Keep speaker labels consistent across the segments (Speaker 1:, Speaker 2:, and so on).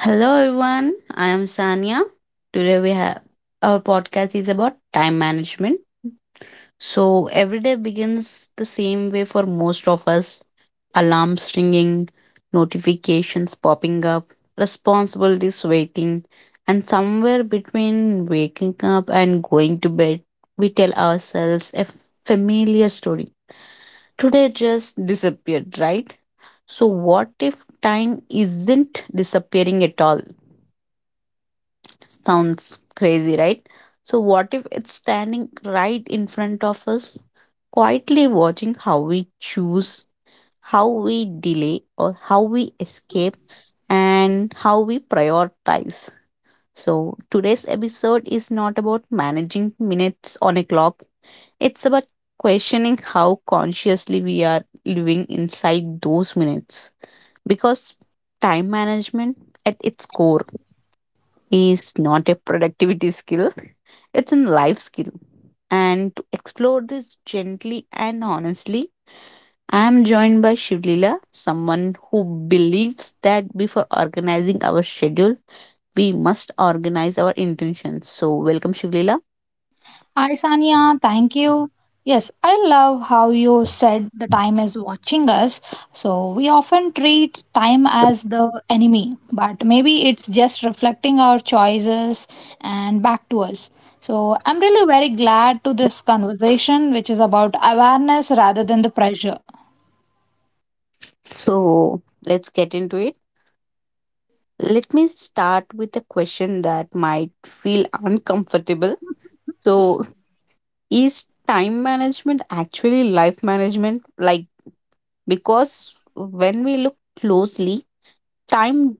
Speaker 1: Hello everyone, I am Sanya. Today we have our podcast is about time management. So every day begins the same way for most of us. Alarms ringing, notifications popping up, responsibilities waiting, and somewhere between waking up and going to bed, we tell ourselves a familiar story. Today just disappeared, right? So what if time isn't disappearing at all? Sounds crazy, right? So, what if it's standing right in front of us, quietly watching how we choose, how we delay, or how we escape, and how we prioritize? So, today's episode is not about managing minutes on a clock, it's about questioning how consciously we are living inside those minutes. Because time management, at its core, is not a productivity skill, it's a life skill. And to explore this gently and honestly, I am joined by Shivlila, someone who believes that before organizing our schedule, we must organize our intentions. So, welcome, Shivlila.
Speaker 2: Hi, Sania. Thank you. Yes, I love how you said the time is watching us. So we often treat time as the enemy, but maybe it's just reflecting our choices and back to us. So I'm really very glad to this conversation, which is about awareness rather than the pressure.
Speaker 1: So, let's get into it. Let me start with a question that might feel uncomfortable. So, is time management actually life management? Because when we look closely, time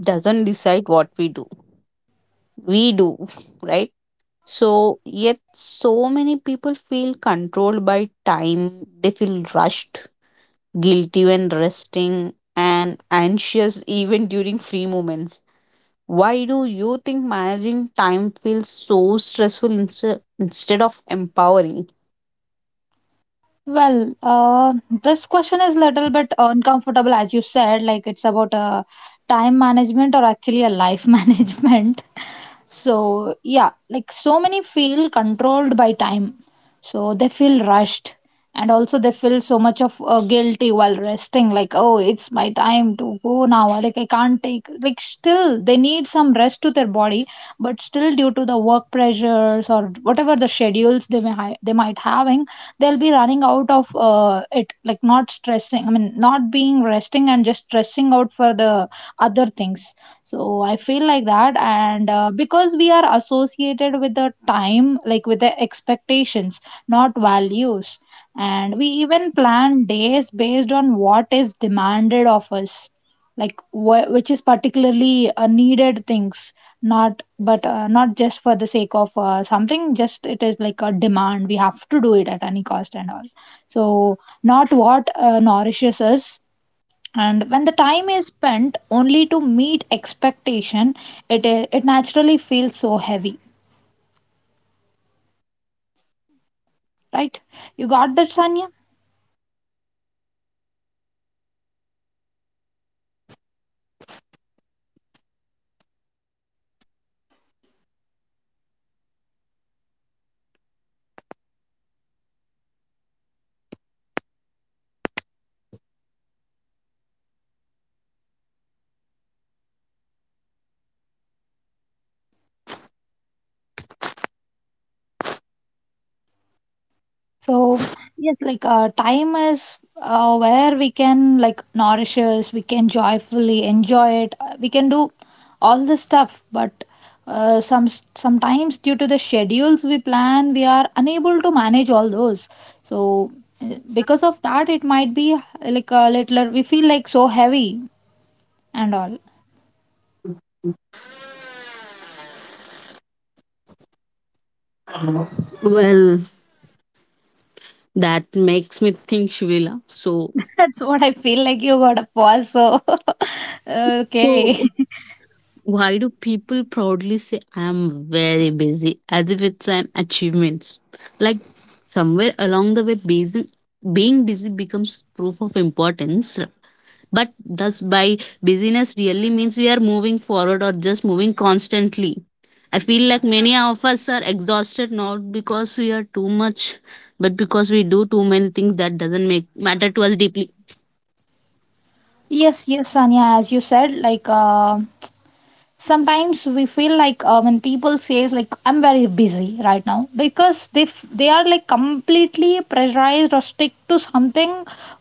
Speaker 1: doesn't decide what we do. We do, right? So, yet so many people feel controlled by time. They feel rushed, guilty when resting, and anxious even during free moments. Why do you think managing time feels so stressful instead of empowering?
Speaker 2: Well, this question is little bit uncomfortable, as you said, like it's about time management or actually a life management. So, yeah, like so many feel controlled by time. So they feel rushed and also they feel so much of guilty while resting, like oh it's my time to go now, like I can't take, like still they need some rest to their body, but still due to the work pressures or whatever the schedules they they might having, they'll be running out of it, like not stressing I mean not being resting and just stressing out for the other things. So I feel like that, and because we are associated with the time like with the expectations, not values, and we even plan days based on what is demanded of us, like which is particularly needed things, not but not just for the sake of something, just it is like a demand we have to do it at any cost and all. So not what nourishes us, and when the time is spent only to meet expectation, it naturally feels so heavy, right? You got that, Sanya? So yes, like time is where we can like nourish us, we can joyfully enjoy it, we can do all this stuff. But sometimes due to the schedules we plan, we are unable to manage all those. So because of that, it might be like a little. We feel like so heavy and all.
Speaker 1: Well, that makes me think, Shvila. So,
Speaker 2: That's what I feel like. You got a pause, so okay.
Speaker 1: So, why do people proudly say, I am very busy, as if it's an achievement? Like, somewhere along the way, being busy becomes proof of importance. But does by busyness really means we are moving forward or just moving constantly? I feel like many of us are exhausted not because we are too much, but because we do too many things that doesn't make matter to us deeply.
Speaker 2: Yes, yes, Sanya, as you said, like sometimes we feel like when people says like I'm very busy right now, because they they are like completely pressurized or stick to something,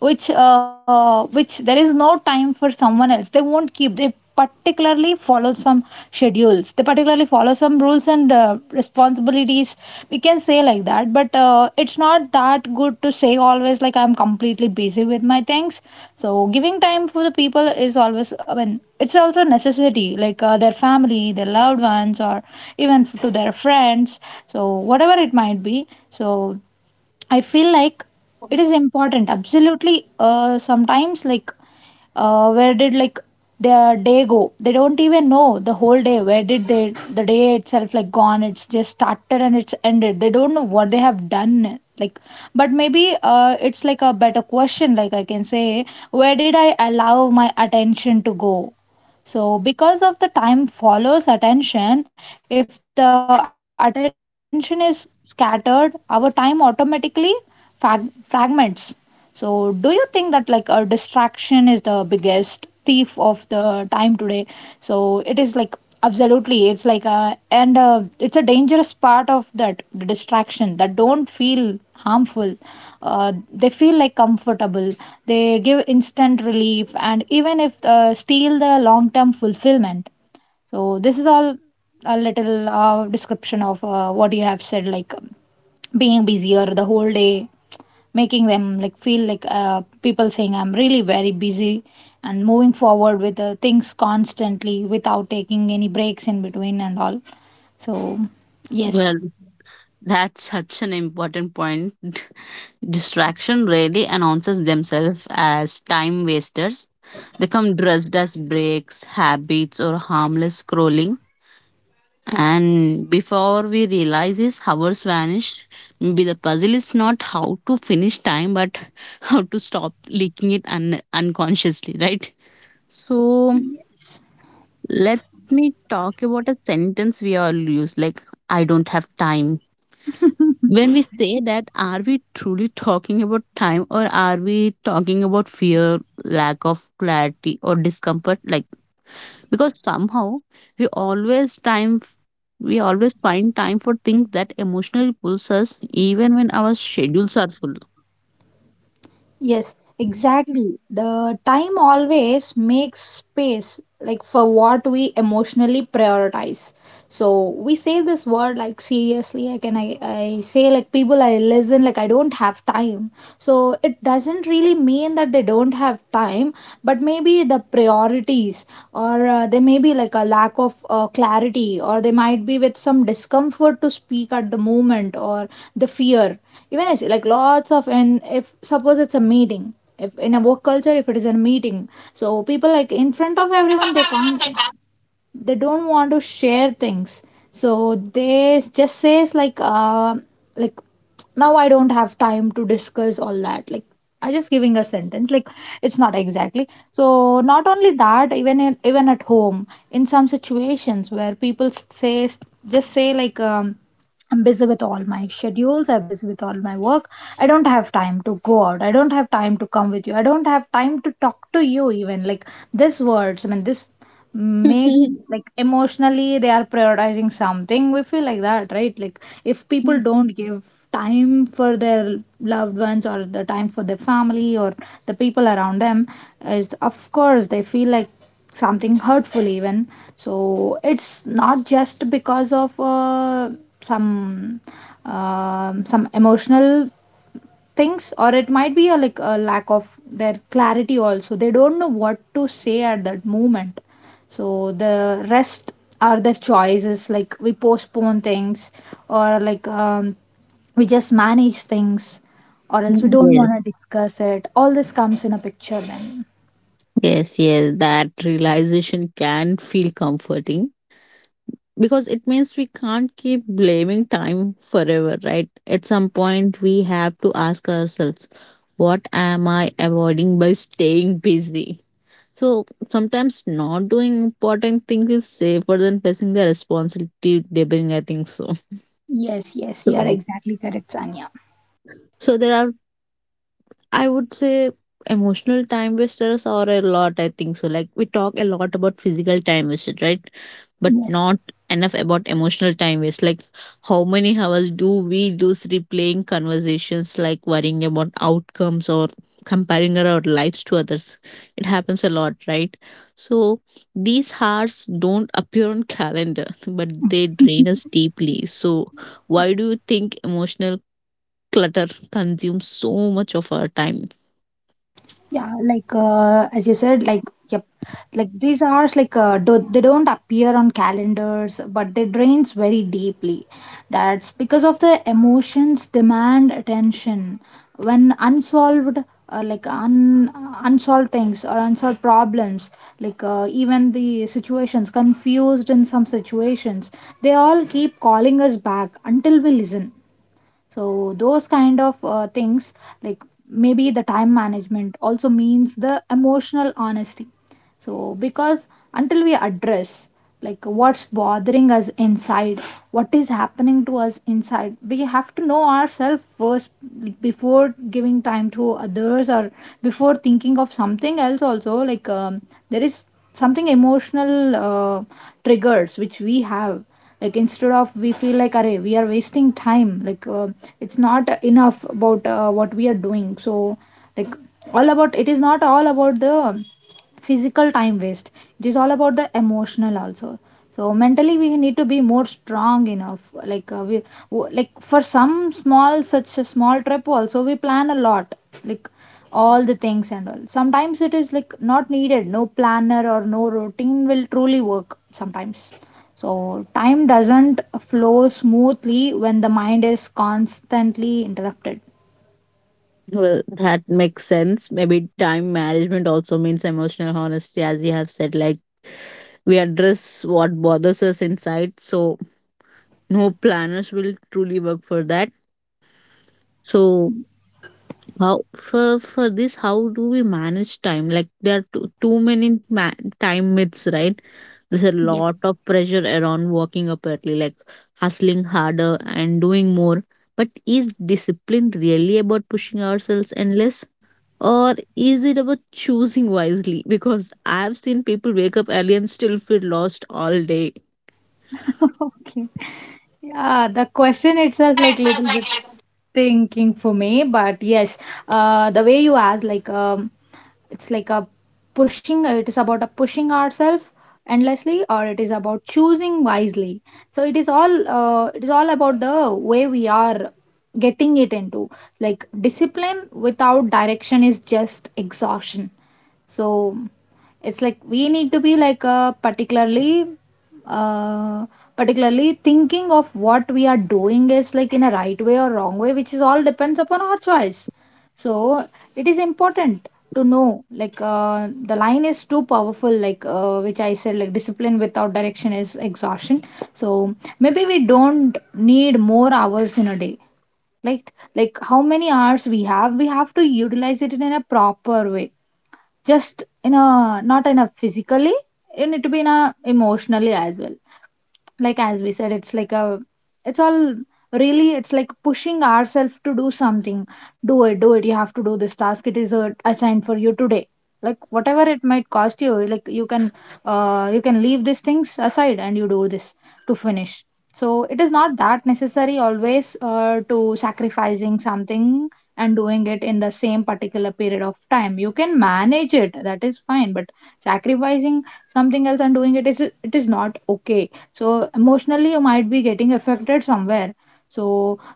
Speaker 2: which there is no time for someone else, they won't keep, they particularly follow some schedules, they particularly follow some rules and responsibilities, we can say like that. But it's not that good to say always like I'm completely busy with my things. So giving time for the people is always, I mean it's also a necessity, like their family, their loved ones, or even to their friends, so whatever it might be. So I feel like it is important absolutely. Sometimes like where did like their day go, they don't even know the whole day, where did they, the day itself like gone, it's just started and it's ended, they don't know what they have done, like. But maybe it's like a better question, like I can say, where did I allow my attention to go? So because of the time follows attention, if the attention is scattered our time automatically fragments. So, do you think that like a distraction is the biggest thief of the time today? So, it is like absolutely, it's like a, and it's a dangerous part of that, the distraction that don't feel harmful, they feel like comfortable, they give instant relief and even if steal the long term fulfillment. So this is all a little description of what you have said, like being busier the whole day, making them like feel like people saying I'm really very busy and moving forward with things constantly without taking any breaks in between and all. So yes.
Speaker 1: Well, that's such an important point. Distraction rarely announces themselves as time wasters. They come dressed as breaks, habits, or harmless scrolling. And before we realize this, hours vanish. Maybe the puzzle is not how to finish time, but how to stop leaking it unconsciously, right? So let me talk about a sentence we all use, like, I don't have time. When we say that, are we truly talking about time or are we talking about fear, lack of clarity, or discomfort? Like, because somehow we always time we always find time for things that emotionally pulls us even when our schedules are full.
Speaker 2: Yes, exactly. The time always makes space like for what we emotionally prioritize. So we say this word like seriously, I say like people I listen like I don't have time. So it doesn't really mean that they don't have time, but maybe the priorities, or they may be like a lack of clarity, or they might be with some discomfort to speak at the moment, or the fear. Even I see like lots of, and if suppose it's a meeting, if in a work culture if it is a meeting, so people like in front of everyone they can't, they don't want to share things. So they just says like like now I don't have time to discuss all that, like I just giving a sentence, like it's not exactly. So not only that, even even at home in some situations where people say, just say like I'm busy with all my schedules. I'm busy with all my work. I don't have time to go out. I don't have time to come with you. I don't have time to talk to you, even. Like, these words, I mean, this make
Speaker 1: yes
Speaker 2: like emotionally they are prioritizing something, we feel like that, right? Like if people don't give time for their loved ones, or the time for their family, or the people around them, is of course they feel like something hurtful even. So it's not just because of some some emotional things, or it might be a like a lack of their clarity also, they don't know what to say at that moment. So the rest are their choices, like we postpone things, or like we just manage things, or else we don't
Speaker 1: yes
Speaker 2: want to discuss it. All this comes in a picture then.
Speaker 1: yes, that realization can feel comforting because it means we can't keep blaming time forever, right? At some point, we have to ask ourselves, what am I avoiding by staying busy? So sometimes not doing important things is safer than facing the responsibility they bring. I think so.
Speaker 2: Yes, yes, you are
Speaker 1: So,
Speaker 2: exactly correct, Sanya.
Speaker 1: so there are, I would say, emotional time wasters are a lot. I think so. Like we talk a lot about physical time wasted, right? But
Speaker 2: Yes.
Speaker 1: not enough about emotional time waste. Like, how many hours do we lose replaying conversations, like worrying about outcomes or comparing our lives to others? It happens a lot, right? So, these hours don't appear on calendar, but they drain us deeply. So, why do you think emotional clutter consumes so much of our time?
Speaker 2: Yeah, like as you said, like yep, like these hours, like they don't appear on calendars, but they drains very deeply. That's because of the emotions demand attention. When unsolved, uh, like un, unsolved things or unsolved problems, like even the situations confused in some situations, they all keep calling us back until we listen. So those kind of things, like maybe the time management also means the emotional honesty. So, because until we address like what's bothering us inside, what is happening to us inside, we have to know ourselves first, like, before giving time to others or before thinking of something else. Also, like there is something emotional triggers which we have, like instead of we feel like array we are wasting time, like it's not enough about what we are doing. So like all about it is not all about the physical time waste, it is all about the emotional also. So mentally we need to be more strong enough, like like for some small such a small trip also we plan a lot, like all the things and all, sometimes it is like not needed, no planner or no routine will truly work sometimes. So time doesn't flow smoothly when the mind is constantly interrupted.
Speaker 1: Well, that makes sense. Maybe time management also means emotional honesty, as you have said, like we address what bothers us inside, so no planners will truly work for that. So how, for this, how do we manage time? Like there are too many time myths, right? There's a
Speaker 2: Yeah.
Speaker 1: lot of pressure around working up early, like hustling harder and doing more. But is discipline really about pushing ourselves endless? Or is it about choosing wisely? Because I've seen people wake up early and still feel lost all day.
Speaker 2: Okay. Yeah, the question itself like little bit thinking for me, but yes, the way you asked like it's like a pushing ourselves endlessly, or it is about choosing wisely. So it is all about the way we are getting it into, like discipline without direction is just exhaustion. So it's like we need to be like uh, particularly thinking of what we are doing is like in a right way or wrong way, which is all depends upon our choice. So it is important to know, like the line is too powerful, like which I said, like discipline without direction is exhaustion. So maybe we don't need more hours in a day, like how many hours we have to utilize it in a proper way, just in a not in a physically, you need to be in a emotionally as well, like as we said it's like a, it's all really it's like pushing ourselves to do something, do it you have to do this task, it is assigned for you today, like whatever it might cost you, like you can leave these things aside and you do this to finish. So it is not that necessary always to sacrificing something and doing it in the same particular period of time, you can manage it, that is fine. But sacrificing something else and doing it is, it is not okay, so emotionally you might be getting affected somewhere. So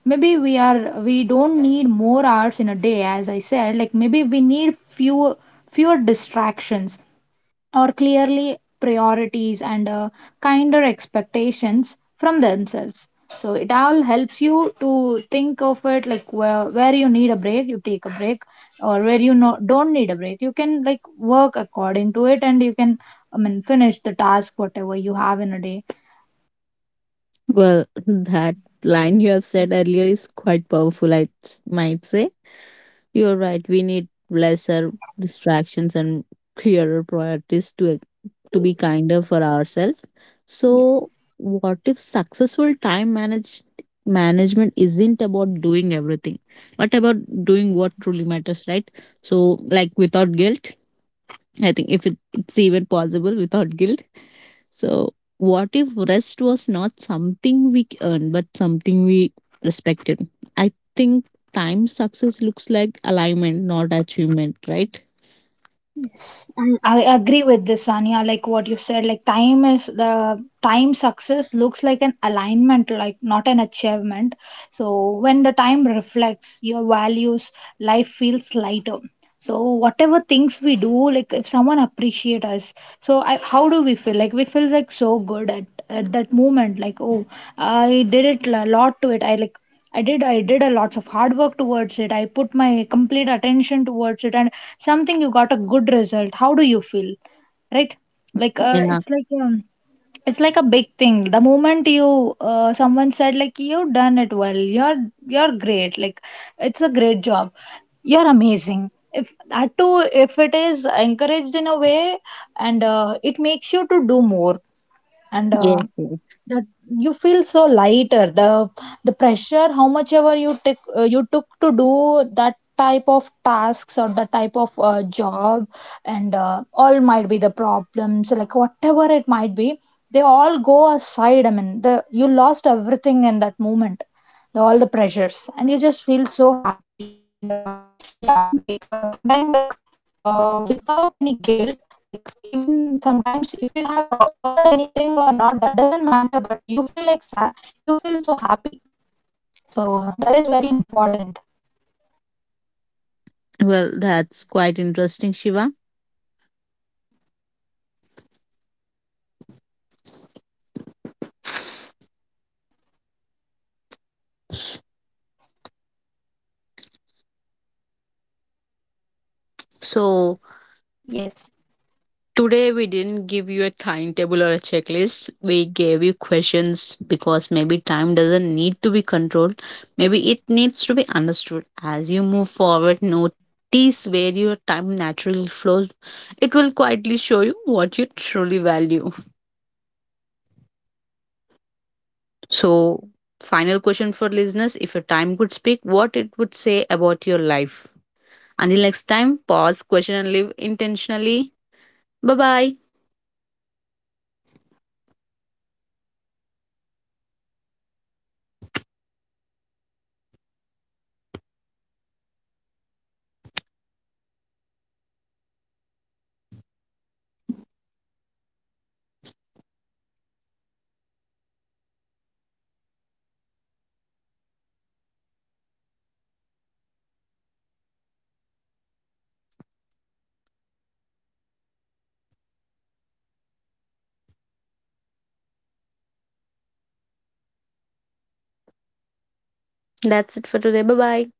Speaker 2: maybe we don't need more hours in a day, as I said, like maybe we need fewer distractions or clearly priorities and kinder expectations from themselves. So it all helps you to think of it like where you need a break, you take a break, or where you no, don't need a break, you can like work according to it, and you can, I mean, finish the task, whatever you have in a day.
Speaker 1: Well, that line you have said earlier is quite powerful, might say. You're right. We need lesser distractions and clearer priorities to be kinder for ourselves. So, what if successful time manage management isn't about doing everything, but about doing what truly matters, right? So, like without guilt. I think if it, it's even possible without guilt. So, what if rest was not something we earned, but something we respected? I think time success looks like alignment, not achievement, right?
Speaker 2: And I agree with this, Sanya. Like what you said, like time is, the time success looks like an alignment, like not an achievement. So when the time reflects your values, life feels lighter. So whatever things we do, like if someone appreciate us, so I, how do we feel? Like we feel like so good at that moment, like oh I did it a lot to it, I like I did a lots of hard work towards it, I put my complete attention towards it, and something you got a good result, how do you feel? Right? Like
Speaker 1: Yeah,
Speaker 2: it's like it's like a big thing the moment you someone said like you've done it well, you're great, like it's a great job, you're amazing. If that too, if it is encouraged in a way, and it makes you to do more, and
Speaker 1: yes, yes.
Speaker 2: that you feel so lighter, the pressure how much ever you took, you took to do that type of tasks or the type of job, and all might be the problems, like whatever it might be, they all go aside, I mean the you lost everything in that moment, the, all the pressures, and you just feel so happy and yeah like sometimes like without any guilt, like even sometimes if you have earned anything or not, that doesn't matter, but you feel like you feel so happy. So that is very important,
Speaker 1: Well, that's quite interesting, Shiva. So,
Speaker 2: yes.
Speaker 1: today, we didn't give you a timetable or a checklist. We gave you questions because maybe time doesn't need to be controlled. Maybe it needs to be understood. As you move forward, notice where your time naturally flows. It will quietly show you what you truly value. So, final question for listeners: if your time could speak, what it would say about your life. Until next time, pause, question, and live intentionally. Bye bye. That's it for today. Bye bye.